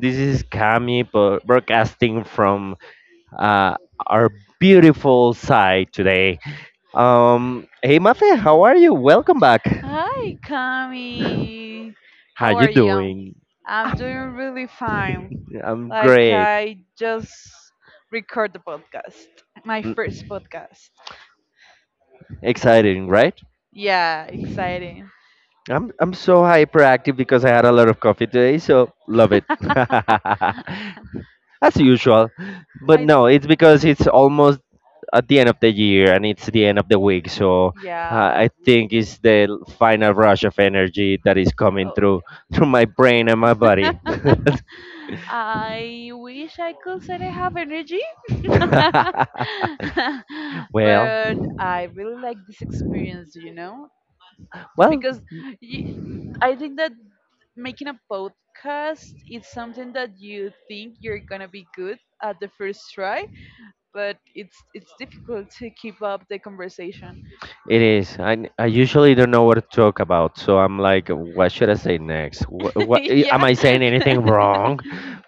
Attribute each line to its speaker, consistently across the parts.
Speaker 1: This is Kami broadcasting from uh, our beautiful side today. Hey, Mafe, how are you? Welcome back.
Speaker 2: Hi, Kami.
Speaker 1: How
Speaker 2: How
Speaker 1: you
Speaker 2: are you?
Speaker 1: doing?
Speaker 2: I'm doing really fine.
Speaker 1: I'm
Speaker 2: Like,
Speaker 1: great.
Speaker 2: I just record the podcast, my
Speaker 1: Mm,
Speaker 2: first podcast.
Speaker 1: Exciting, right?
Speaker 2: Yeah, exciting.
Speaker 1: I'm so hyperactive because I had a lot of coffee today, so love it. As usual. But
Speaker 2: I
Speaker 1: no, it's because it's almost at the end of the year and it's the end of the week. So
Speaker 2: yeah.
Speaker 1: I think it's the final rush of energy that is coming
Speaker 2: Oh.
Speaker 1: through through my brain and my body.
Speaker 2: I wish I could say I have energy,
Speaker 1: well,
Speaker 2: but I really like this experience,
Speaker 1: well,
Speaker 2: because y I think that making a podcast is something that you think you're gonna be good at the first try, but it's difficult to keep up the conversation.
Speaker 1: It is. I usually don't know what to talk about, so I'm like, what should I say next? What, what eh, am
Speaker 2: Yeah.
Speaker 1: I saying anything wrong?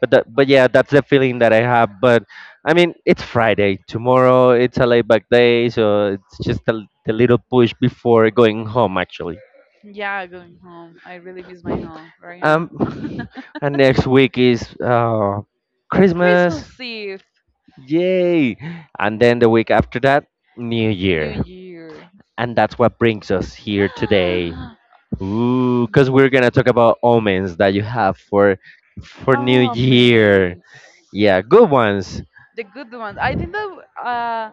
Speaker 1: But yeah, that's the feeling that I have. But I mean, it's Friday. Tomorrow it's a laid back day, so it's just the little push before going home actually.
Speaker 2: Yeah, going home. I really miss my home right now.
Speaker 1: Um, and next week is Christmas,
Speaker 2: Christmas Eve,
Speaker 1: yay! And then the week after that, New
Speaker 2: New
Speaker 1: Year,
Speaker 2: Year.
Speaker 1: and that's what brings us here today. Ooh, because we're gonna talk about omens that you have for New
Speaker 2: Oh
Speaker 1: Year.
Speaker 2: man,
Speaker 1: Yeah, good ones.
Speaker 2: the good ones. I think that uh,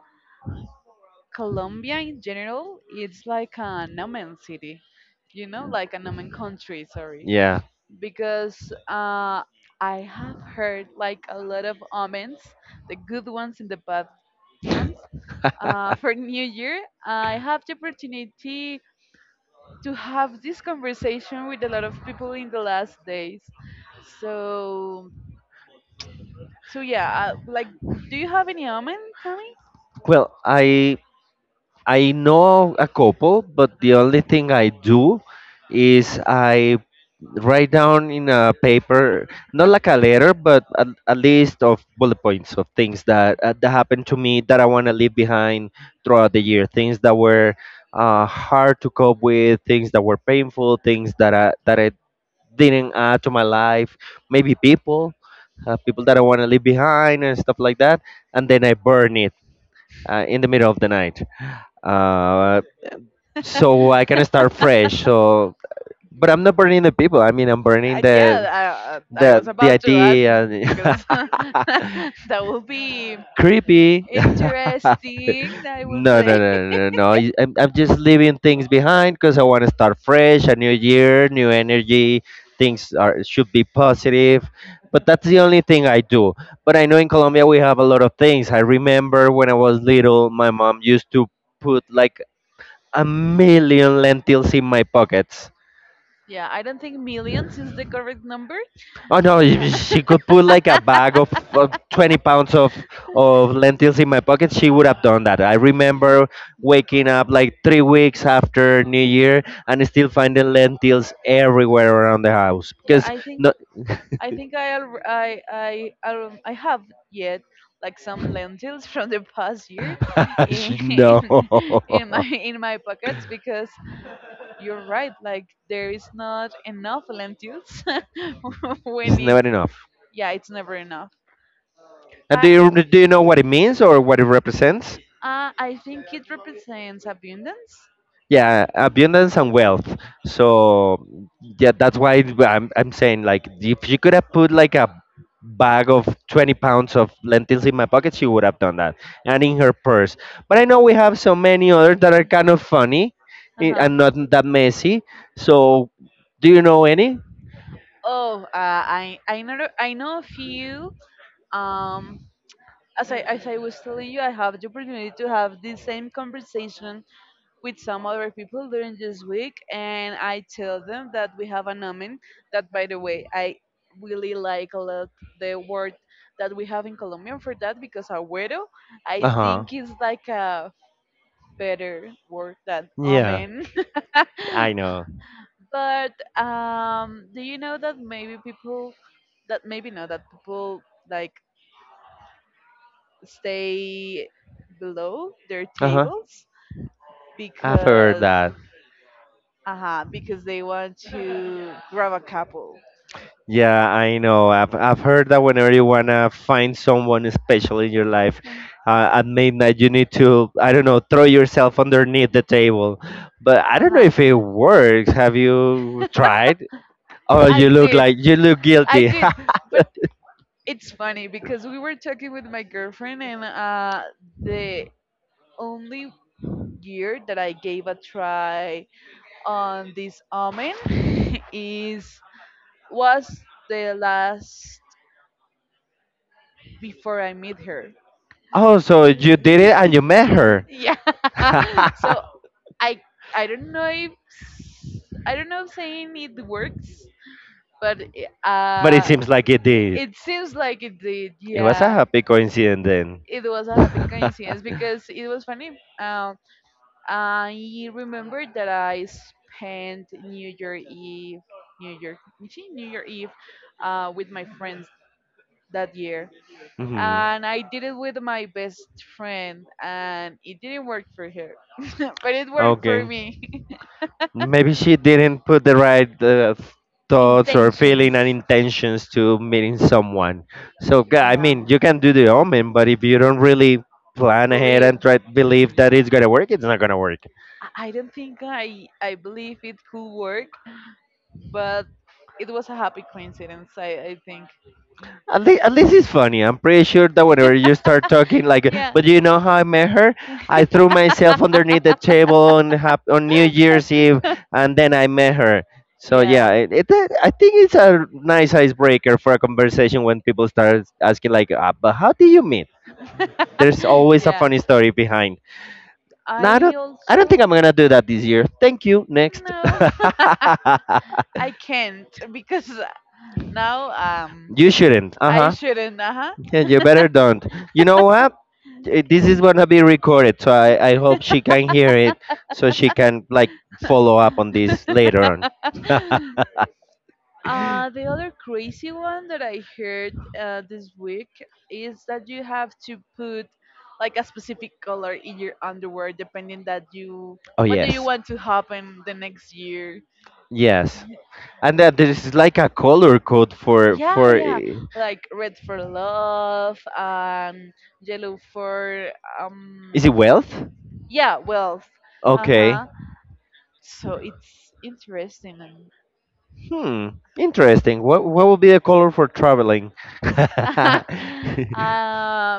Speaker 2: Colombia in general, it's like a nomen city, you know, like a nomen country. Sorry,
Speaker 1: Yeah.
Speaker 2: because uh, I have heard like a lot of omens, the good ones and the bad ones. For New Year, I have the opportunity to have this conversation with a lot of people in the last days. So So yeah, like, do you have any omen coming?
Speaker 1: Well, I know a couple, but the only thing I do is I write down in a paper, not like a letter, but a list of bullet points of things that that happened to me that I want to leave behind throughout the year. Things that were hard to cope with, things that were painful, things that I didn't add to my life. Maybe people, people that I want to leave behind and stuff like that. And then I burn it in the middle of the night. Uh, so I can start fresh. So, but I'm not burning the people. I mean, I'm burning the
Speaker 2: Yeah, I was about to ask
Speaker 1: idea.
Speaker 2: because that will be
Speaker 1: Creepy.
Speaker 2: interesting, I will
Speaker 1: No, no,
Speaker 2: say.
Speaker 1: no, no, no. I'm just leaving things behind because I want to start fresh. A new year, new energy, things are should be positive. But that's the only thing I do. But I know in Colombia we have a lot of things. I remember when I was little, my mom used to put like a million lentils in my pockets.
Speaker 2: Yeah, I don't think millions is the correct number.
Speaker 1: Oh no,
Speaker 2: Uh,
Speaker 1: if she could put like a bag of 20 pounds of lentils in my pocket, she would have done that. I remember waking up like 3 weeks after New Year and still finding lentils everywhere around the house
Speaker 2: yeah,
Speaker 1: because
Speaker 2: I think
Speaker 1: no,
Speaker 2: I think I al- I have yet like some lentils from the past year
Speaker 1: she,
Speaker 2: in
Speaker 1: no.
Speaker 2: in my pockets, because you're right, like there is not enough lentils. When
Speaker 1: It's
Speaker 2: it's
Speaker 1: never enough.
Speaker 2: yeah, it's never enough.
Speaker 1: And
Speaker 2: I
Speaker 1: do you know what it means or what it represents?
Speaker 2: I think it represents abundance.
Speaker 1: Yeah, abundance and wealth. So yeah, that's why I'm saying like if you could have put like a bag of 20 pounds of lentils in my pocket, she would have done that, and in her purse. But I know we have so many others that are kind of funny,
Speaker 2: Uh huh.
Speaker 1: and not that messy. So do you know any?
Speaker 2: Oh, I know a few. Um, as I was telling you, I have the opportunity to have the same conversation with some other people during this week, and I tell them that we have a nomen. That, by the way, I really like a lot the word that we have in Colombian for that, because agüero, I
Speaker 1: Uh-huh.
Speaker 2: think, is like a better word than
Speaker 1: Yeah,
Speaker 2: omen.
Speaker 1: I know.
Speaker 2: But do you know that maybe people, that maybe not that people like stay below their
Speaker 1: Uh-huh.
Speaker 2: tables
Speaker 1: I've heard
Speaker 2: because
Speaker 1: that.
Speaker 2: uh-huh, because they want to grab a couple.
Speaker 1: Yeah, I know. I've heard that whenever you wanna find someone special in your life, at midnight you need to, I don't know, throw yourself underneath the table. But I don't know
Speaker 2: Uh-huh.
Speaker 1: if it works. Have you tried? Oh,
Speaker 2: I
Speaker 1: you look
Speaker 2: did.
Speaker 1: like, you look
Speaker 2: I
Speaker 1: guilty.
Speaker 2: did. But it's funny, because we were talking with my girlfriend, and the only year that I gave a try on this almond is was the last before I meet her.
Speaker 1: Oh, so you did it and you met her.
Speaker 2: Yeah. So I I don't know if I don't know if saying it works, but
Speaker 1: But it
Speaker 2: uh,
Speaker 1: seems like it did.
Speaker 2: it seems like it did.
Speaker 1: It was a
Speaker 2: Yeah,
Speaker 1: happy coincidence then.
Speaker 2: it was a happy coincidence because it was funny. Um, I remember that I spent New Year Eve, New Year, see, New Year Eve, with my friends that year,
Speaker 1: Mhm.
Speaker 2: and I did it with my best friend, and it didn't work for her, but it worked
Speaker 1: Okay.
Speaker 2: for me.
Speaker 1: Maybe she didn't put the right thoughts or feeling and
Speaker 2: Intentions.
Speaker 1: intentions to meeting someone. So I
Speaker 2: Yeah.
Speaker 1: mean, you can do the omen, but if you don't really
Speaker 2: I
Speaker 1: plan ahead and try to believe that it's gonna work, it's not gonna work.
Speaker 2: I don't think I believe it could work, but it was a happy coincidence. I think.
Speaker 1: At least it's funny. I'm pretty sure that whenever you start talking, like,
Speaker 2: Yeah.
Speaker 1: but you know how I met her? I threw myself underneath the table on on New Year's Eve, and then I met her. So yeah,
Speaker 2: Yeah.
Speaker 1: I think it's a nice icebreaker for a conversation when people start asking like, but how did you meet? There's always a
Speaker 2: Yeah.
Speaker 1: funny story behind. No, I
Speaker 2: I
Speaker 1: don't. I don't
Speaker 2: also
Speaker 1: think I'm gonna do that this year. Thank you. Next.
Speaker 2: no. I can't because now
Speaker 1: You shouldn't. Uh
Speaker 2: I
Speaker 1: huh.
Speaker 2: shouldn't. Uh-huh.
Speaker 1: Yeah, you better don't. You know what? This is gonna be recorded, so I hope she can hear it, so she can like follow up on this later on.
Speaker 2: The other crazy one that I heard this week is that you have to put like a specific color in your underwear depending that you
Speaker 1: Oh
Speaker 2: what do you
Speaker 1: yes,
Speaker 2: want to happen the next year.
Speaker 1: yes.
Speaker 2: Y-
Speaker 1: And that there is like a color code for
Speaker 2: Yeah, yeah, like red for love, yellow for
Speaker 1: Is it wealth?
Speaker 2: yeah, wealth. Uh
Speaker 1: Okay.
Speaker 2: huh. So it's interesting, and
Speaker 1: Hmm, interesting. What would be the color for traveling?
Speaker 2: uh,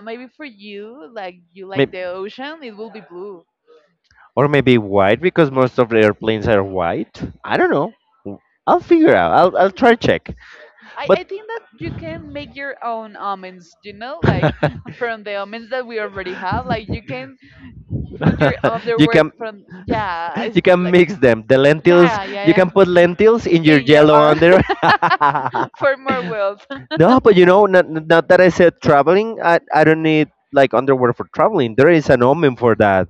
Speaker 2: maybe for you like
Speaker 1: Maybe,
Speaker 2: the ocean, it will be blue.
Speaker 1: or maybe white because most of the airplanes are white. I don't know. I'll figure out. I'll try check.
Speaker 2: I
Speaker 1: But
Speaker 2: think that you can make your own almonds, you know, like from the almonds that we already have. Like, you can put your
Speaker 1: you
Speaker 2: underwear
Speaker 1: can
Speaker 2: from yeah, it's
Speaker 1: you can
Speaker 2: like
Speaker 1: mix them. The lentils.
Speaker 2: yeah,
Speaker 1: You
Speaker 2: yeah,
Speaker 1: can put
Speaker 2: yeah,
Speaker 1: lentils in your
Speaker 2: in your
Speaker 1: yellow
Speaker 2: own
Speaker 1: under.
Speaker 2: for more wealth.
Speaker 1: No, but you know, not that I said traveling, I don't need like underwear for traveling. There is an omen for that.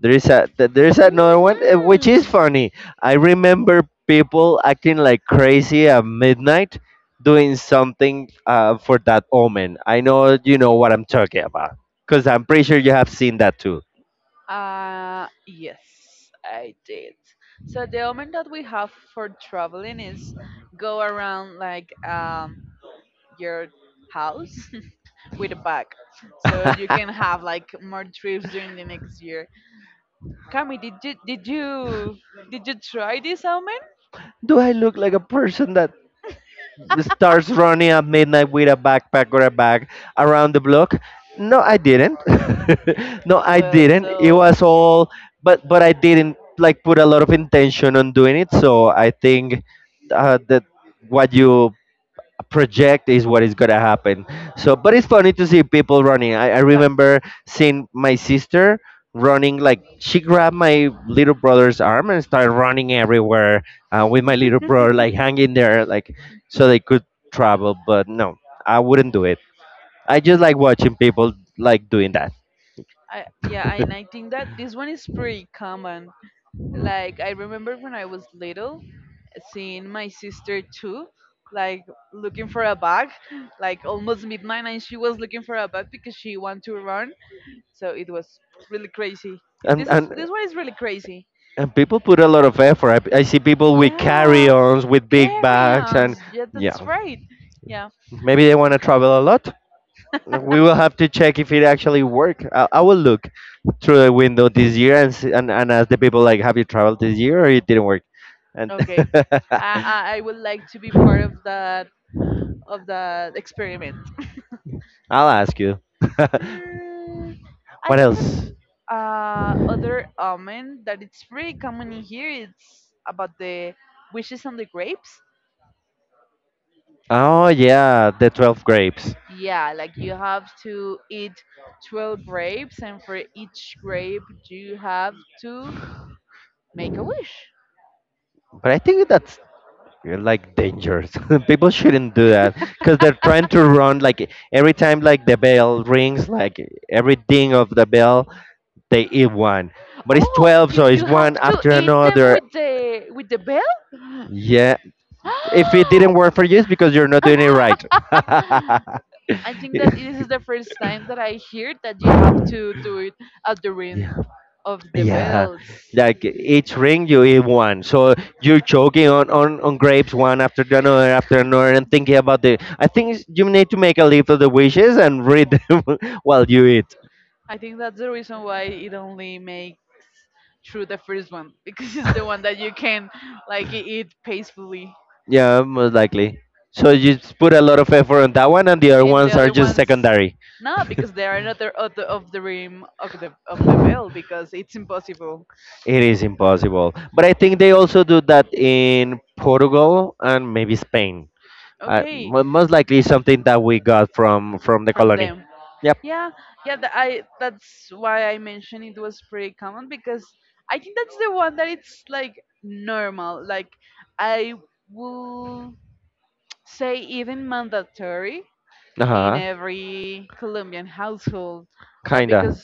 Speaker 1: There is a there is another one which is
Speaker 2: Mhm.
Speaker 1: funny. I remember people acting like crazy at midnight doing something for that omen. I know you know what I'm talking about because I'm pretty sure you have seen that too.
Speaker 2: Yes, I did. So the omen that we have for traveling is go around like your house with a bag, so you can have like more trips during the next year. Kami, did you try this omen?
Speaker 1: Do I look like a person that starts running at midnight with a backpack or a bag around the block? No, I didn't. No, I
Speaker 2: Well,
Speaker 1: didn't. It
Speaker 2: so
Speaker 1: was all, but I didn't like put a lot of intention on doing it. So I think that what you project is what is gonna happen. So, but it's funny to see people running. I
Speaker 2: like
Speaker 1: remember seeing my sister running like she grabbed my little brother's arm and started running everywhere with my little brother like hanging there like so they could travel. But no, I wouldn't do it. I just like watching people like doing that.
Speaker 2: I yeah, and I think that this one is pretty common. Like, I remember when I was little, seeing my sister too, like looking for a bag, like almost midnight, and she was looking for a bag because she wanted to run. So it was really crazy.
Speaker 1: And
Speaker 2: This is this one is really crazy.
Speaker 1: people put a lot of effort. I see people with
Speaker 2: Yeah,
Speaker 1: carry-ons, with big bags, and
Speaker 2: carry-ons. Yeah, that's
Speaker 1: yeah,
Speaker 2: right. Yeah.
Speaker 1: maybe they want to travel a lot. Like, we will have to check if it actually worked. I will look through the window this year and see, and ask the people like, "Have you traveled this year or it didn't work?" And
Speaker 2: Okay. I I, I would like to be part of that experiment.
Speaker 1: I'll ask you.
Speaker 2: Mm, I
Speaker 1: What
Speaker 2: think that
Speaker 1: else?
Speaker 2: other almond that it's pretty common in here. It's about the wishes on the grapes.
Speaker 1: Oh yeah, the 12 grapes.
Speaker 2: Yeah, like you have to eat 12 grapes, and for each grape, you have to make a wish.
Speaker 1: But I think that's like dangerous. People shouldn't do that because they're trying to run. Like every time, like the bell rings, like every ding of the bell, they eat one. But it's
Speaker 2: Oh,
Speaker 1: 12, so it's
Speaker 2: you
Speaker 1: one
Speaker 2: have to
Speaker 1: after
Speaker 2: eat them
Speaker 1: another.
Speaker 2: with the bell?
Speaker 1: Yeah. If it didn't work for you, it's because you're not doing it right.
Speaker 2: I think that this is the first time that I hear that you have to do it at the
Speaker 1: Yeah.
Speaker 2: ring of the
Speaker 1: Yeah,
Speaker 2: bells.
Speaker 1: like each ring you eat one, so you're choking on grapes one after another, and thinking about the. I think you need to make a list of the wishes and read them while you eat.
Speaker 2: I think that's the reason why it only makes through the first one, because it's the one that you can like eat peacefully.
Speaker 1: Yeah, most likely. So you put a lot of effort on that one, and the other
Speaker 2: And the
Speaker 1: ones are
Speaker 2: other
Speaker 1: just
Speaker 2: ones,
Speaker 1: secondary.
Speaker 2: no, because they are another of the rim of the bell, because it's impossible.
Speaker 1: It is impossible. But I think they also do that in Portugal and maybe Spain.
Speaker 2: Okay,
Speaker 1: Most likely something that we got from the
Speaker 2: from
Speaker 1: colony.
Speaker 2: them.
Speaker 1: Yep.
Speaker 2: Yeah, yeah. I that's why I mentioned it was pretty common, because I think that's the one that it's like normal. Like, I will say even mandatory
Speaker 1: Uh
Speaker 2: in
Speaker 1: huh.
Speaker 2: every Colombian household. That
Speaker 1: Kinda.
Speaker 2: because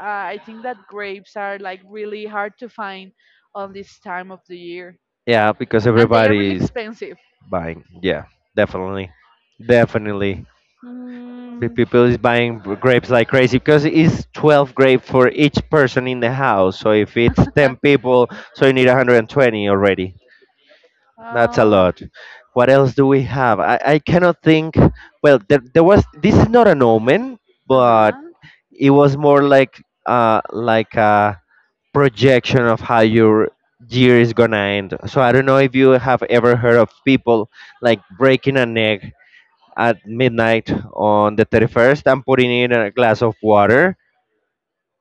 Speaker 2: I think that grapes are like really hard to find on this time of the year,
Speaker 1: Yeah, because
Speaker 2: and they are really
Speaker 1: everybody is
Speaker 2: expensive.
Speaker 1: buying. Yeah, definitely, definitely. The
Speaker 2: Mm,
Speaker 1: people is buying grapes like crazy because it's 12 grape for each person in the house. So if it's 10 people, so you need 120 already. That's a
Speaker 2: uh,
Speaker 1: lot. What else do we have? I cannot think. Well, there was. This is not an omen,
Speaker 2: Uh
Speaker 1: but
Speaker 2: huh.
Speaker 1: it was more like projection of how your year is gonna end. So I don't know if you have ever heard of people like breaking an egg at midnight on the 31st and putting it in a glass of water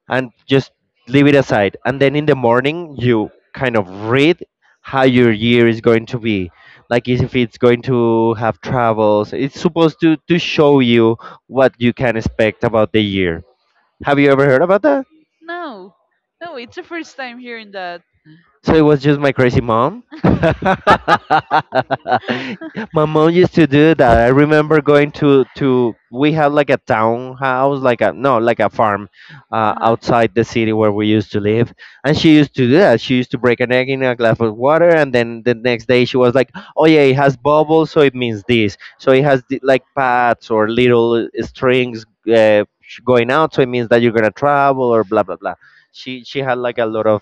Speaker 1: and just leave it aside. And then in the morning, you kind of read how your year is going to be like, is if it's going to have travels, it's supposed to show you what you can expect about the year. Have you ever heard about that?
Speaker 2: No, no, it's the first time hearing that.
Speaker 1: So it was just my crazy mom. My mom used to do that. I remember going to we had like a townhouse, like a no, like a farm
Speaker 2: Uh huh.
Speaker 1: outside the city where we used to live, and she used to do that. She used to break an egg in a glass of water, and then the next day she was like, "Oh yeah, it has bubbles, so it means this. So it has the, like pads or little strings going out, so it means that you're gonna travel or blah blah blah." She had like a lot of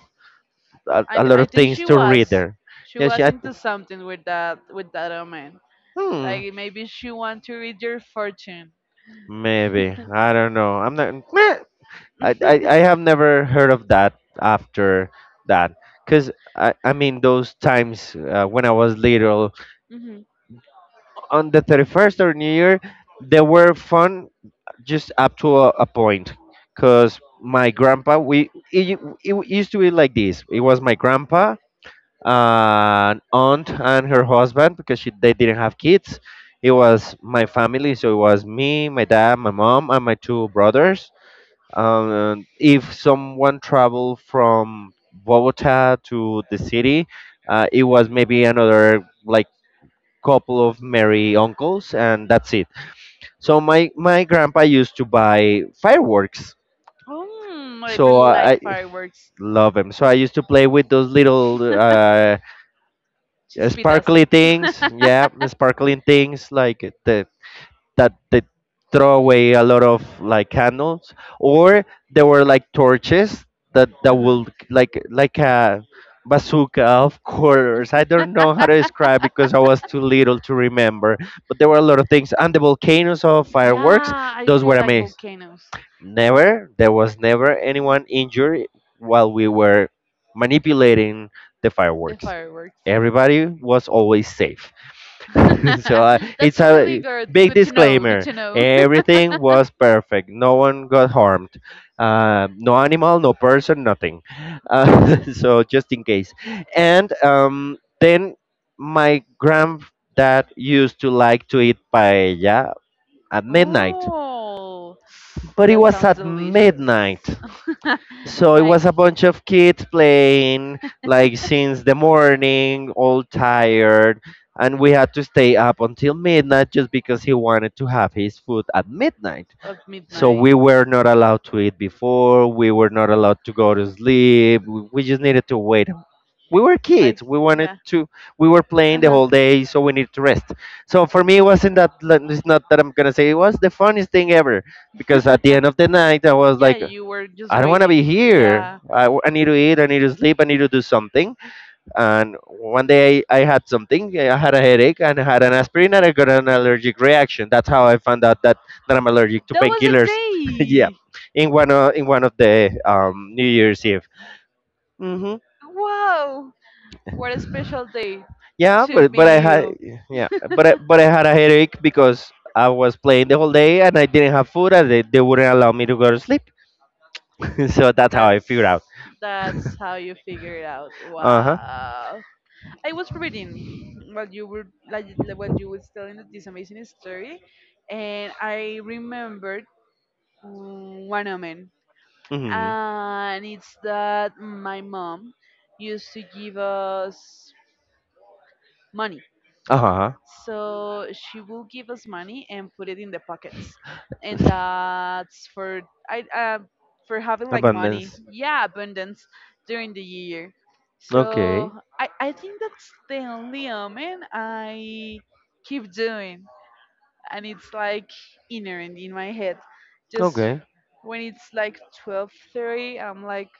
Speaker 1: a lot
Speaker 2: I
Speaker 1: of
Speaker 2: think
Speaker 1: things
Speaker 2: she
Speaker 1: to read
Speaker 2: was
Speaker 1: there.
Speaker 2: she
Speaker 1: Yeah, she,
Speaker 2: was into something with that woman.
Speaker 1: hmm,
Speaker 2: Like, maybe she want to read your fortune.
Speaker 1: maybe I don't know. I'm not. Meh. I, I I have never heard of that after that, cause I mean those times when I was little
Speaker 2: Mm-hmm.
Speaker 1: on the 31st or New Year, they were fun just up to a point, cause my grandpa we it u- used to be like this. It was my grandpa an aunt and her husband because they didn't have kids. It was my family, so it was me, my dad, my mom, and my two brothers. If someone traveled from Bogota to the city, it was maybe another like couple of merry uncles, and that's it. So my grandpa used to buy fireworks,
Speaker 2: Oh, I
Speaker 1: so
Speaker 2: really
Speaker 1: I
Speaker 2: like fireworks.
Speaker 1: love him. So I used to play with those little
Speaker 2: Chispitas.
Speaker 1: sparkly things. Yeah,
Speaker 2: Uh
Speaker 1: the sparkling things like the that they throw away a lot of like candles, or there were like torches that
Speaker 2: huh.
Speaker 1: will like a bazooka of colors. I don't know how to describe because I was too little to remember, but there were a lot of things and the volcanoes of fireworks.
Speaker 2: Yeah, I
Speaker 1: Those were
Speaker 2: really like
Speaker 1: amazing.
Speaker 2: volcanoes.
Speaker 1: Never, There was never anyone injured while we were manipulating the
Speaker 2: The
Speaker 1: fireworks.
Speaker 2: fireworks.
Speaker 1: Everybody was always safe. So it's
Speaker 2: That's really
Speaker 1: a
Speaker 2: good.
Speaker 1: big
Speaker 2: Good to know. Good
Speaker 1: disclaimer.
Speaker 2: to know.
Speaker 1: Everything was perfect. No one got harmed. No animal, no person, nothing. So just in case. And then my granddad used to like to eat paella at midnight,
Speaker 2: Oh,
Speaker 1: but it
Speaker 2: that
Speaker 1: was
Speaker 2: sounds
Speaker 1: at
Speaker 2: delicious.
Speaker 1: midnight. So it
Speaker 2: Like
Speaker 1: was a bunch of kids playing like since the morning, all tired, and we had to stay up until midnight just because he wanted to have his food at midnight.
Speaker 2: at
Speaker 1: So
Speaker 2: midnight.
Speaker 1: we were not allowed to eat before, we were not allowed to go to sleep. We just needed to wait. We were kids.
Speaker 2: Like,
Speaker 1: We wanted
Speaker 2: yeah.
Speaker 1: to we were playing the
Speaker 2: Uh-huh.
Speaker 1: whole day, so we needed to rest. So for me it's not that I'm going to say it was the funniest thing ever because at the end of the night I was
Speaker 2: Yeah,
Speaker 1: like
Speaker 2: you were just
Speaker 1: I don't want to be
Speaker 2: waiting.
Speaker 1: here.
Speaker 2: Yeah.
Speaker 1: I need to eat. I need to sleep. I need to do something. And one day I had something. I had a headache and I had an aspirin and I got an allergic reaction. That's how I found out that I'm allergic to
Speaker 2: That was a
Speaker 1: painkillers. Yeah,
Speaker 2: day.
Speaker 1: in one of the New Year's Eve. Hmm.
Speaker 2: Wow. What a special day
Speaker 1: Yeah,
Speaker 2: to
Speaker 1: but I
Speaker 2: be
Speaker 1: had,
Speaker 2: you.
Speaker 1: yeah, but I had a headache because I was playing the whole day and I didn't have food and they wouldn't allow me to go to sleep. So that's how I
Speaker 2: That's
Speaker 1: figured out.
Speaker 2: that's how you figure it out.
Speaker 1: Uh huh.
Speaker 2: Wow. I was reading while you were like while you was telling this amazing story, and I remembered one moment,
Speaker 1: Hmm.
Speaker 2: and it's that my mom used to give us money.
Speaker 1: Uh huh.
Speaker 2: So she will give us money and put it in the pockets, and that's for I for having like money,
Speaker 1: Abundance.
Speaker 2: yeah, abundance during the year. So
Speaker 1: Okay.
Speaker 2: I think that's the only omen I keep doing, and it's like inherent in my head. Just
Speaker 1: Okay.
Speaker 2: when it's like 12:30, I'm like,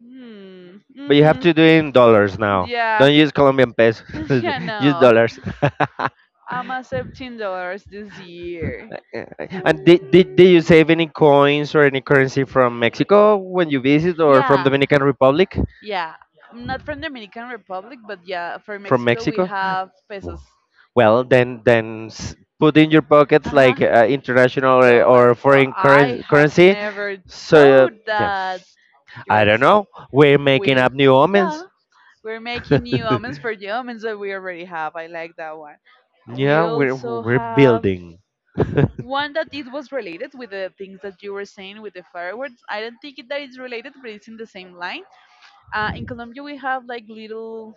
Speaker 2: hmm,
Speaker 1: But you have
Speaker 2: mm-hmm,
Speaker 1: to do it in dollars now.
Speaker 2: yeah,
Speaker 1: Don't use Colombian pesos.
Speaker 2: yeah,
Speaker 1: Use
Speaker 2: no.
Speaker 1: dollars.
Speaker 2: I'm at $17 this year.
Speaker 1: Yeah. And did you save any coins or any currency from Mexico when you visit or from
Speaker 2: Yeah,
Speaker 1: Dominican Republic?
Speaker 2: yeah. I'm Not from Dominican Republic, but yeah, for From
Speaker 1: From
Speaker 2: Mexico we
Speaker 1: Mexico?
Speaker 2: have pesos.
Speaker 1: Well, then put in your pockets
Speaker 2: Uh huh.
Speaker 1: like international or
Speaker 2: Dollars. Oh,
Speaker 1: foreign
Speaker 2: I
Speaker 1: curren
Speaker 2: have
Speaker 1: currency.
Speaker 2: never
Speaker 1: So
Speaker 2: thought
Speaker 1: yeah,
Speaker 2: that I
Speaker 1: I
Speaker 2: you're
Speaker 1: don't know. We're making
Speaker 2: we
Speaker 1: up new
Speaker 2: yeah
Speaker 1: omens.
Speaker 2: we're making new omens for the omens that we already have. I like that one.
Speaker 1: Yeah,
Speaker 2: We
Speaker 1: we're
Speaker 2: also
Speaker 1: we're
Speaker 2: have
Speaker 1: building.
Speaker 2: one that it was related with the things that you were saying with the fireworks. I don't think that it's related, but it's in the same line. In Colombia, we have like little,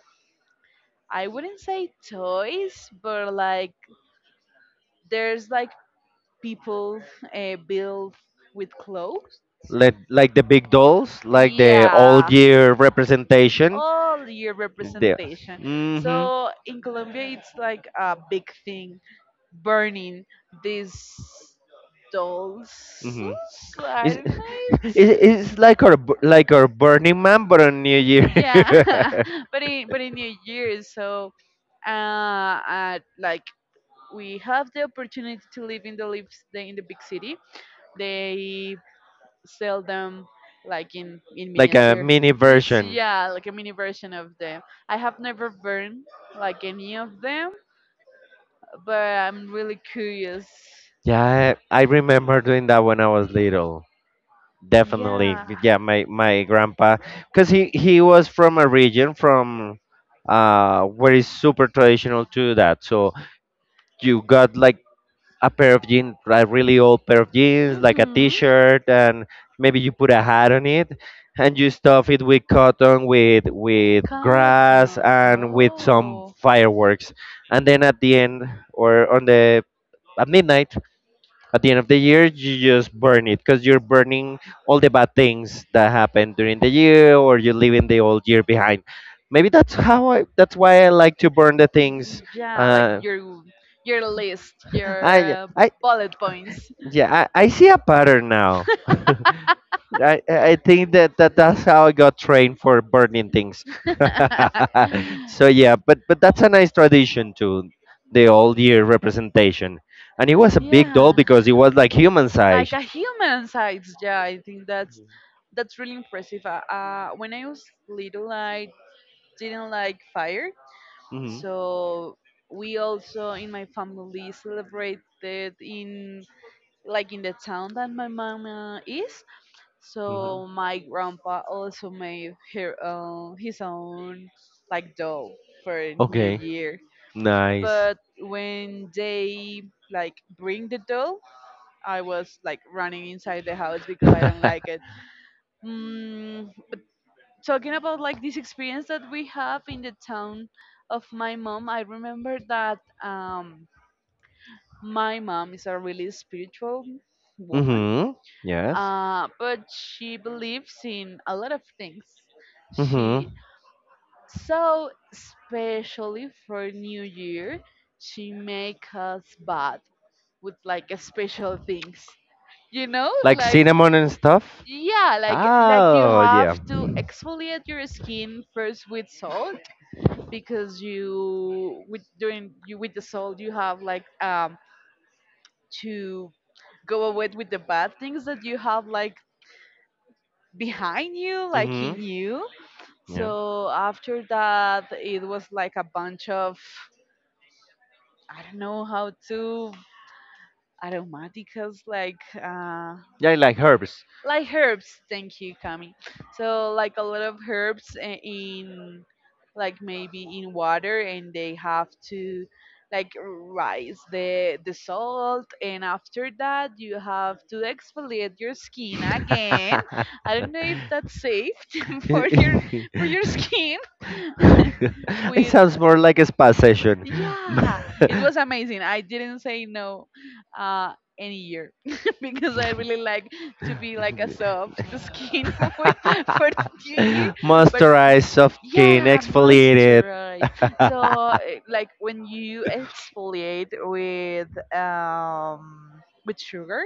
Speaker 2: I wouldn't say toys, but like there's like people built with clothes.
Speaker 1: Like the big dolls, like the all
Speaker 2: Yeah.
Speaker 1: year representation.
Speaker 2: All year
Speaker 1: There.
Speaker 2: representation.
Speaker 1: Hmm.
Speaker 2: So in Colombia, it's like a big thing burning these dolls.
Speaker 1: Hmm.
Speaker 2: I
Speaker 1: It's,
Speaker 2: don't know.
Speaker 1: it's,
Speaker 2: It's,
Speaker 1: it's like our Burning Man, but on New Year,
Speaker 2: yeah, but in New years, so uh, like we have the opportunity to live in the lives the, in the big city. They sell them like in
Speaker 1: like a
Speaker 2: miniature.
Speaker 1: mini
Speaker 2: This
Speaker 1: version.
Speaker 2: yeah, like a mini version of them. I have never burned like any of them, but I'm really curious.
Speaker 1: Yeah, I remember doing that when I was little. Definitely,
Speaker 2: Yeah.
Speaker 1: yeah. My grandpa, because he was from a region from where is super traditional to that. So you got like a pair of jeans, a really old pair of jeans, like a
Speaker 2: Mhm.
Speaker 1: t-shirt, and maybe you put a hat on it, and you stuff it with cotton, with grass,
Speaker 2: Cotton.
Speaker 1: and with some
Speaker 2: Oh.
Speaker 1: fireworks, and then or on the at midnight at the end of the year, you just burn it because you're burning all the bad things that happened during the year, or you're leaving the old year behind. Maybe that's how I. That's why I like to burn the things.
Speaker 2: Yeah, like
Speaker 1: Uh,
Speaker 2: your list,
Speaker 1: I,
Speaker 2: your
Speaker 1: I,
Speaker 2: bullet points.
Speaker 1: yeah, I see a pattern now. I think that that's how I got trained for burning things. So yeah, but that's a nice tradition too, the old year representation, and it was a big doll
Speaker 2: Yeah.
Speaker 1: because it was like human size.
Speaker 2: Like a human side, yeah. I think that's really impressive. When I was little, I didn't like fire,
Speaker 1: Hmm.
Speaker 2: so we also in my family celebrated in like in the town that my mama is.
Speaker 1: Hmm.
Speaker 2: So my grandpa also made her own his own like doll for New
Speaker 1: Okay.
Speaker 2: Year.
Speaker 1: Nice.
Speaker 2: But when they like bring the doll, I was like running inside the house because I don't like it. Mm, talking about like this experience that we have in the town of my mom, I remember that my mom is a really spiritual woman,
Speaker 1: Hmm. Yes.
Speaker 2: but she believes in a lot of things.
Speaker 1: Hmm.
Speaker 2: She so especially for New Year, she make us bath with like a special things. You know,
Speaker 1: Like
Speaker 2: like
Speaker 1: cinnamon and stuff?
Speaker 2: yeah, like you
Speaker 1: Oh,
Speaker 2: have
Speaker 1: yeah.
Speaker 2: to exfoliate your skin first with salt, because you with during you with the salt you have like to go away with the bad things that you have like behind you, like in
Speaker 1: Mm-hmm.
Speaker 2: you.
Speaker 1: Yeah.
Speaker 2: So after that, it was like a bunch of I don't know how to aromaticas
Speaker 1: Yeah, like herbs.
Speaker 2: like herbs. Thank you, Kami. So like a lot of herbs in like maybe in water, and they have to like rise the salt, and after that you have to exfoliate your skin again. I don't know if that's safe for your
Speaker 1: It
Speaker 2: for your skin with.
Speaker 1: sounds more like a spa session.
Speaker 2: Yeah, it was amazing. I didn't say no uh, any year because I really like to be like a soft skin with for the new year. But
Speaker 1: Moisturize, soft skin,
Speaker 2: yeah,
Speaker 1: exfoliated.
Speaker 2: moisturize. So like when you exfoliate with with sugar,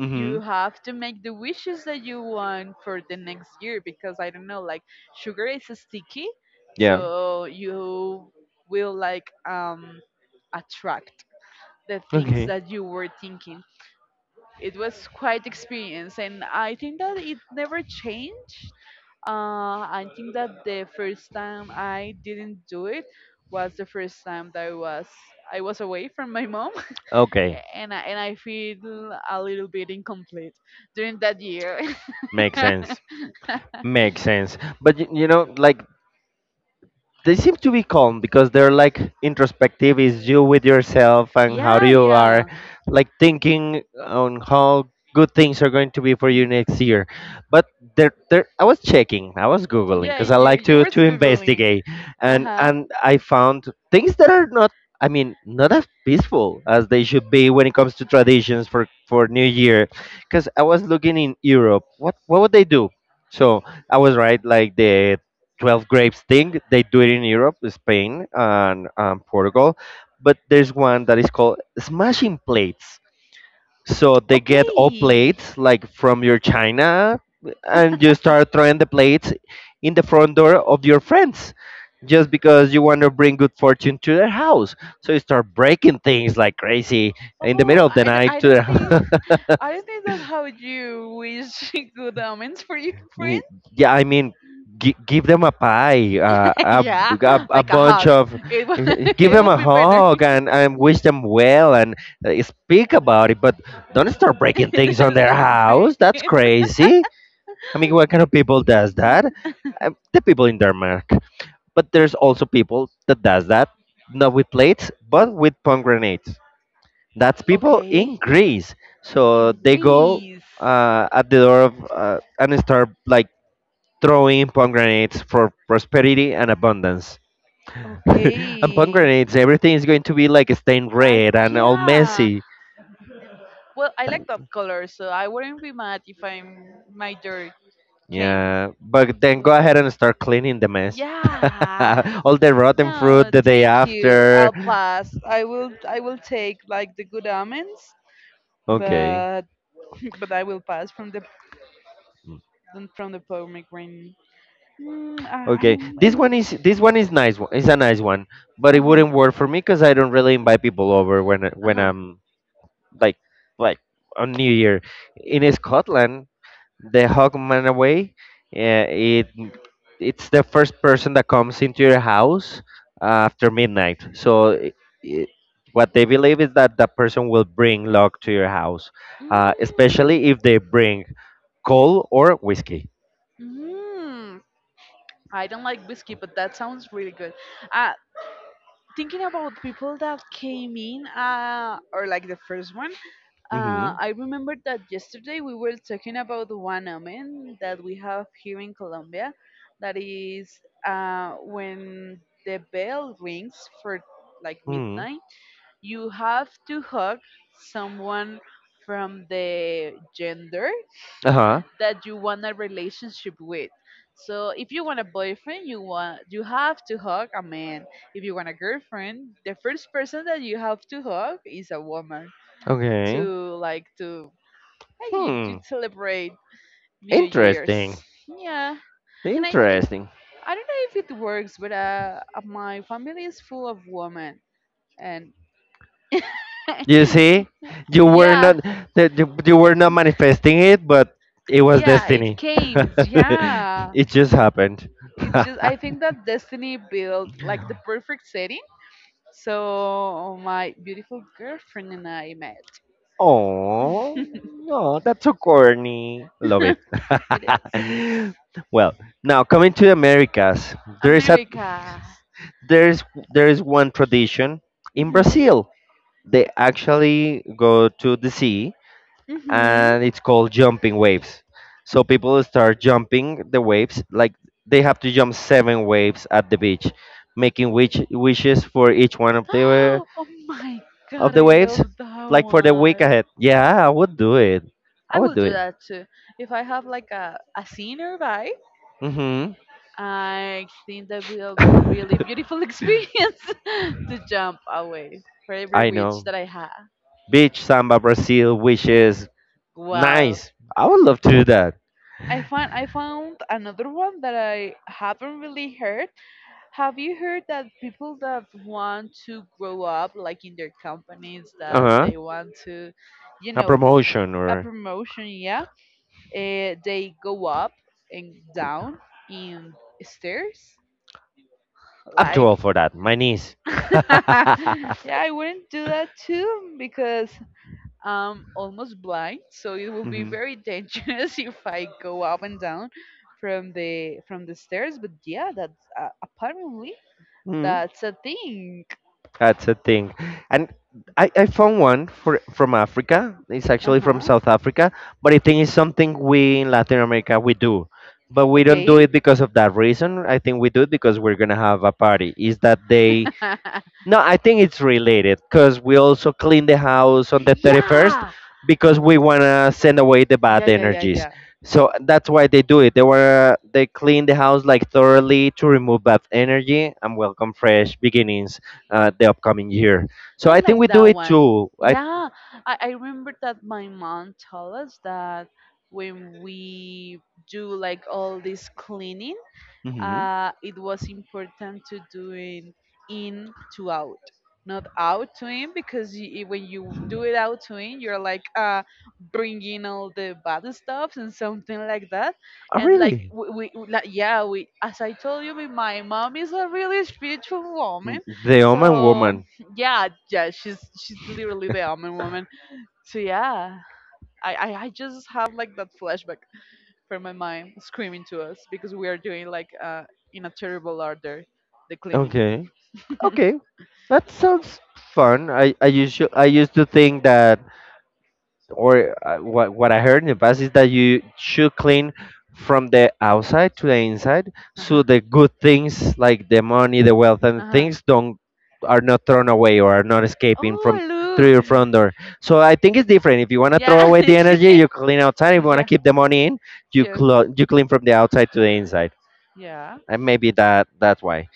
Speaker 1: Mm-hmm.
Speaker 2: you have to make the wishes that you want for the next year because I don't know, like sugar is sticky,
Speaker 1: Yeah.
Speaker 2: so you will like attract the things
Speaker 1: Okay.
Speaker 2: that you were thinking. It was quite experience, and I think that it never changed. I think that the first time I didn't do it was the first time that I was away from my mom,
Speaker 1: Okay.
Speaker 2: and I feel a little bit incomplete during that year.
Speaker 1: Makes sense. Makes sense. But like they seem to be calm because they're like introspective, is you with yourself and how
Speaker 2: Yeah,
Speaker 1: you are
Speaker 2: yeah.
Speaker 1: like thinking on how good things are going to be for you
Speaker 2: Mhm.
Speaker 1: next year. But there I was checking, I was googling
Speaker 2: Yeah,
Speaker 1: because I
Speaker 2: you
Speaker 1: like
Speaker 2: you
Speaker 1: to
Speaker 2: were
Speaker 1: to
Speaker 2: scribbling.
Speaker 1: investigate,
Speaker 2: Uh
Speaker 1: and
Speaker 2: huh.
Speaker 1: and I found things that are not, I mean, not as peaceful as they should be when it comes to traditions for New Year because I was looking in Europe, what would they do. So I was right, like the 12 grapes thing. They do it in Europe, Spain, and Portugal. But there's one that is called smashing plates. So they get all
Speaker 2: Okay.
Speaker 1: plates like from your china and you start throwing the plates in the front door of your friends just because you want to bring good fortune to their house. So you start breaking things like crazy in the
Speaker 2: Oh,
Speaker 1: middle of the night
Speaker 2: I
Speaker 1: to
Speaker 2: don't think
Speaker 1: their
Speaker 2: I don't think that's how you wish good omens for your friend.
Speaker 1: Y- yeah, I mean, give them a pie, a
Speaker 2: Yeah,
Speaker 1: a, a
Speaker 2: like a
Speaker 1: bunch
Speaker 2: hug.
Speaker 1: of
Speaker 2: It will,
Speaker 1: give
Speaker 2: it
Speaker 1: them
Speaker 2: will
Speaker 1: a
Speaker 2: be better.
Speaker 1: hug and wish them well and speak about it, but don't start breaking things on
Speaker 2: Does
Speaker 1: their
Speaker 2: that
Speaker 1: house. That's
Speaker 2: breaking.
Speaker 1: crazy. I mean, what kind of people does that? The people in Denmark. But there's also people that does that, not with plates but with pomegranates. That's people in
Speaker 2: Okay.
Speaker 1: Greece. So
Speaker 2: In
Speaker 1: they go
Speaker 2: Greece.
Speaker 1: at the door of and start like throwing pomegranates for prosperity and abundance. And
Speaker 2: Okay.
Speaker 1: pomegranates, everything is going to be like stained
Speaker 2: Like,
Speaker 1: red and all
Speaker 2: yeah.
Speaker 1: messy.
Speaker 2: Well, I like
Speaker 1: Thank-
Speaker 2: that color, so I wouldn't be mad if I'm my dirt came.
Speaker 1: Yeah, but then go ahead and start cleaning the mess.
Speaker 2: Yeah.
Speaker 1: All the rotten fruit
Speaker 2: No,
Speaker 1: the day
Speaker 2: thank you.
Speaker 1: after.
Speaker 2: I'll pass. I will I will take like the good almonds,
Speaker 1: Okay.
Speaker 2: but but I will pass from the than from the power migraine. I
Speaker 1: Okay,
Speaker 2: I I
Speaker 1: this
Speaker 2: was.
Speaker 1: one is this one is nice. It's a nice one, but it
Speaker 2: Uh huh.
Speaker 1: wouldn't work for me because I don't really invite people over when
Speaker 2: Uh huh.
Speaker 1: I'm like like on New Year. In Scotland, the Hawkman away. Uh, it it's the first person that comes into your house after midnight. So I what they believe is that that person will bring luck to your house,
Speaker 2: Mm,
Speaker 1: especially if they bring coal or whiskey.
Speaker 2: mm. I don't like whiskey, but that sounds really good. Uh, thinking about people that came in, or like the first one.
Speaker 1: Hmm.
Speaker 2: I remember that yesterday we were talking about the one omen that we have here in Colombia. That is when the bell rings for like
Speaker 1: Hmm.
Speaker 2: midnight, you have to hug someone from the gender
Speaker 1: Uh huh.
Speaker 2: that you want a relationship with. So if you want a boyfriend, you have to hug a man. If you want a girlfriend, the first person that you have to hug is a woman
Speaker 1: Okay.
Speaker 2: to like to. Hey, you
Speaker 1: Hmm.
Speaker 2: did celebrate New Year's.
Speaker 1: Interesting.
Speaker 2: Yeah, and I, I,
Speaker 1: Interesting.
Speaker 2: I don't know if it works, but my family is full of women, and
Speaker 1: You see, you were
Speaker 2: yeah,
Speaker 1: not that you were not manifesting it, but it was
Speaker 2: yeah, it
Speaker 1: destiny.
Speaker 2: came, yeah.
Speaker 1: It just happened.
Speaker 2: It just, I think that destiny built like the perfect setting. So my beautiful girlfriend and I met.
Speaker 1: Oh, no, that's so corny. Love it.
Speaker 2: It is
Speaker 1: Well, now coming to the Americas, there is a
Speaker 2: America.
Speaker 1: there is there is one tradition in
Speaker 2: Mhm.
Speaker 1: Brazil. They actually go to the sea and
Speaker 2: Mhm.
Speaker 1: it's called jumping waves. So people start jumping the waves, like they have to jump seven waves at the beach, making wishes for each one of the
Speaker 2: Oh my
Speaker 1: of
Speaker 2: god,
Speaker 1: the
Speaker 2: I
Speaker 1: waves,
Speaker 2: love that
Speaker 1: like for the week
Speaker 2: one.
Speaker 1: ahead. Yeah, I would do it. I
Speaker 2: I
Speaker 1: would
Speaker 2: will
Speaker 1: do
Speaker 2: do
Speaker 1: it.
Speaker 2: that too. If I have like a sea nearby,
Speaker 1: Mhm.
Speaker 2: I think that will really beautiful experience to jump away for every
Speaker 1: I
Speaker 2: witch
Speaker 1: know.
Speaker 2: that I have.
Speaker 1: Beach samba Brazil wishes.
Speaker 2: Wow.
Speaker 1: Nice. I would love to do that.
Speaker 2: I found another one that I haven't really heard. Have you heard that people that want to grow up like in their companies that
Speaker 1: Uh
Speaker 2: they want to, you
Speaker 1: A
Speaker 2: know,
Speaker 1: promotion
Speaker 2: a
Speaker 1: or
Speaker 2: promotion? Yeah. They go up and down in stairs.
Speaker 1: I'm too old
Speaker 2: Like,
Speaker 1: for that. My niece.
Speaker 2: yeah, I wouldn't do that too because I'm almost blind, so it will be
Speaker 1: Mhm.
Speaker 2: very dangerous if I go up and down from the stairs. But yeah, that's apparently
Speaker 1: Mhm.
Speaker 2: that's a thing.
Speaker 1: That's a thing. And I found one for from Africa. It's
Speaker 2: Uh
Speaker 1: actually from
Speaker 2: huh.
Speaker 1: South Africa, but I think it's something we in Latin America we do. But we don't do
Speaker 2: Okay.
Speaker 1: it because of that reason. I think we do it because we're gonna have a party. Is that they, no, I think it's related because we also clean the house on the 31st
Speaker 2: Yeah.
Speaker 1: because we
Speaker 2: The
Speaker 1: want to send away the
Speaker 2: Yeah,
Speaker 1: bad
Speaker 2: family. Yeah, yeah,
Speaker 1: energies.
Speaker 2: yeah.
Speaker 1: So
Speaker 2: So
Speaker 1: that's why they do it. They
Speaker 2: they
Speaker 1: want
Speaker 2: were.
Speaker 1: to they clean the house like thoroughly to remove bad energy and welcome fresh beginnings
Speaker 2: So
Speaker 1: the upcoming
Speaker 2: I
Speaker 1: year. So
Speaker 2: I
Speaker 1: I
Speaker 2: think
Speaker 1: think
Speaker 2: like we
Speaker 1: we
Speaker 2: that
Speaker 1: do
Speaker 2: really
Speaker 1: it
Speaker 2: one. Do like.
Speaker 1: too. I
Speaker 2: Yeah, I remember that my mom told us that when we do like all this cleaning,
Speaker 1: Mhm.
Speaker 2: it was important to doing in to out, not out to in, because y when you do it out to in, you're like bringing all the bad stuff and something like that.
Speaker 1: Oh,
Speaker 2: And like,
Speaker 1: really?
Speaker 2: like, yeah, we, as I told you, my mom is a really spiritual woman,
Speaker 1: Mm. The Oman
Speaker 2: so
Speaker 1: woman.
Speaker 2: yeah, yeah, she's literally the almond woman. So yeah, I just have like that flashback from my mind screaming to us because we are doing like in a terrible order the cleaning.
Speaker 1: Okay. Okay. That sounds fun. I used to think that or what I heard in the past is that you should clean from the outside to the inside,
Speaker 2: Uh-huh.
Speaker 1: so the good things like the money, the wealth, and
Speaker 2: Uh-huh.
Speaker 1: things don't are not thrown away or are not escaping from
Speaker 2: Oh
Speaker 1: through
Speaker 2: look!
Speaker 1: your front door. So I think it's different. If you want to throw
Speaker 2: Yeah,
Speaker 1: away the energy, you clean outside. If you want to
Speaker 2: yeah,
Speaker 1: keep the money in, you
Speaker 2: yeah.
Speaker 1: clo- you clean from the outside to the inside.
Speaker 2: Yeah.
Speaker 1: And maybe that's why.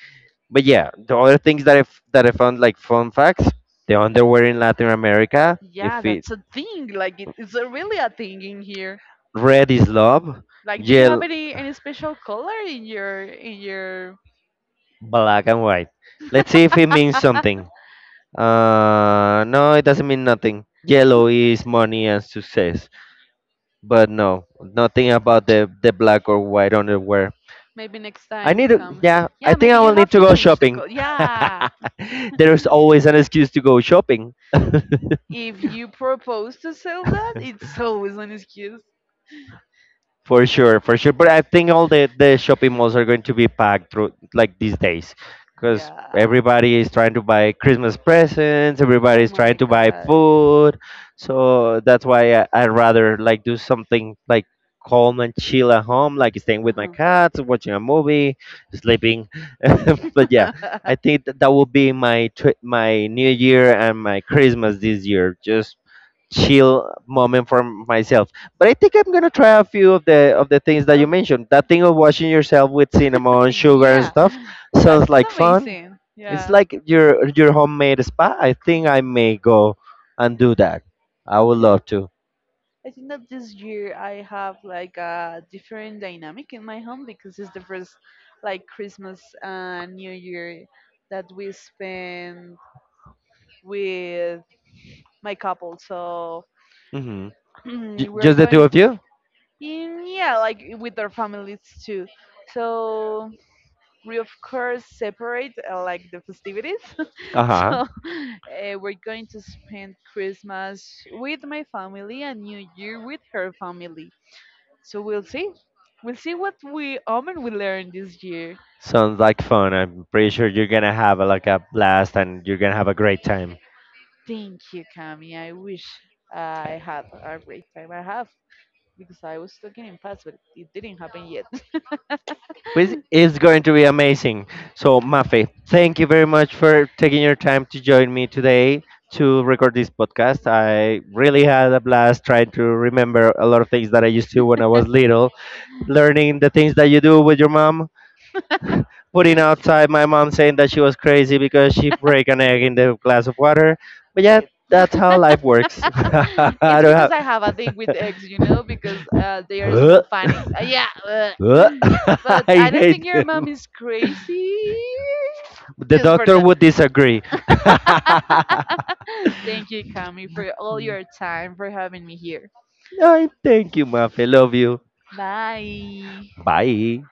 Speaker 1: But yeah, the other things that I found like fun facts, the underwear in Latin America. If
Speaker 2: Yeah,
Speaker 1: it,
Speaker 2: that's a thing. Like it's a really a thing in here.
Speaker 1: red is love,
Speaker 2: Like, do you have
Speaker 1: yellow,
Speaker 2: any special color in your
Speaker 1: black and white. Let's see if it means something. No, it doesn't mean nothing. Yellow is money and success, but no, nothing about the black or white underwear.
Speaker 2: maybe next
Speaker 1: I
Speaker 2: time
Speaker 1: need to,
Speaker 2: come.
Speaker 1: yeah, I
Speaker 2: Yeah,
Speaker 1: think
Speaker 2: maybe
Speaker 1: I
Speaker 2: you
Speaker 1: will need
Speaker 2: have
Speaker 1: to
Speaker 2: to
Speaker 1: go
Speaker 2: change the
Speaker 1: shopping.
Speaker 2: color. Yeah.
Speaker 1: There's always an excuse to go shopping.
Speaker 2: If you propose to sell that, it's always an excuse.
Speaker 1: For sure, for sure. But I think all the shopping malls are going to be packed through like these days because
Speaker 2: Yeah.
Speaker 1: everybody is trying to buy Christmas presents,
Speaker 2: Oh
Speaker 1: everybody is trying
Speaker 2: my
Speaker 1: to buy
Speaker 2: gosh.
Speaker 1: food. So that's why I'd rather like do something like calm and chill at home, like staying with my
Speaker 2: Uh-huh.
Speaker 1: cats, watching a movie, sleeping. But yeah, I think that will be my my New Year and my Christmas this year. Just chill moment for myself. But I think I'm gonna try a few of the things that you
Speaker 2: Um,
Speaker 1: mentioned. That thing of washing yourself with cinnamon, sugar, and
Speaker 2: yeah,
Speaker 1: stuff sounds
Speaker 2: that's
Speaker 1: like fun.
Speaker 2: amazing.
Speaker 1: It's
Speaker 2: Yeah.
Speaker 1: like your homemade spa. I think I may go and do that. I would
Speaker 2: Okay.
Speaker 1: love to.
Speaker 2: I think that this year I have like a different dynamic in my home because it's the first like Christmas and New Year that we spend with my couple. So
Speaker 1: Hmm.
Speaker 2: we're
Speaker 1: Just the two
Speaker 2: going
Speaker 1: of you.
Speaker 2: in, yeah, like with their families too. So we of course separate like the festivities.
Speaker 1: Uh huh.
Speaker 2: So we're going to spend Christmas with my family and New Year with her family. So we'll see. We'll see what we and we learn this year.
Speaker 1: Sounds like fun. I'm pretty sure you're gonna have like a blast and you're gonna have a great time.
Speaker 2: Thank you, Cami. I wish I had a great time. I have because I was talking in past, but it didn't happen yet.
Speaker 1: Which is going to be amazing. So, Mafe, thank you very much for taking your time to join me today to record this podcast. I really had a blast trying to remember a lot of things that I used to when I was little, learning the things that you do with your mom, putting outside my mom saying that she was crazy because she break an egg in the glass of water. But yeah, that's how life works. I
Speaker 2: It's
Speaker 1: don't
Speaker 2: because
Speaker 1: have.
Speaker 2: I have a thing with eggs, because they are
Speaker 1: Huh?
Speaker 2: smell funny. Yeah,
Speaker 1: Huh?
Speaker 2: but
Speaker 1: I
Speaker 2: I don't
Speaker 1: hate
Speaker 2: think your mom
Speaker 1: them.
Speaker 2: is crazy.
Speaker 1: The
Speaker 2: Just for
Speaker 1: doctor
Speaker 2: that.
Speaker 1: would disagree.
Speaker 2: Thank you, Kami, for all your time for having me here.
Speaker 1: No, thank you, Mafe. Love you.
Speaker 2: Bye.
Speaker 1: Bye.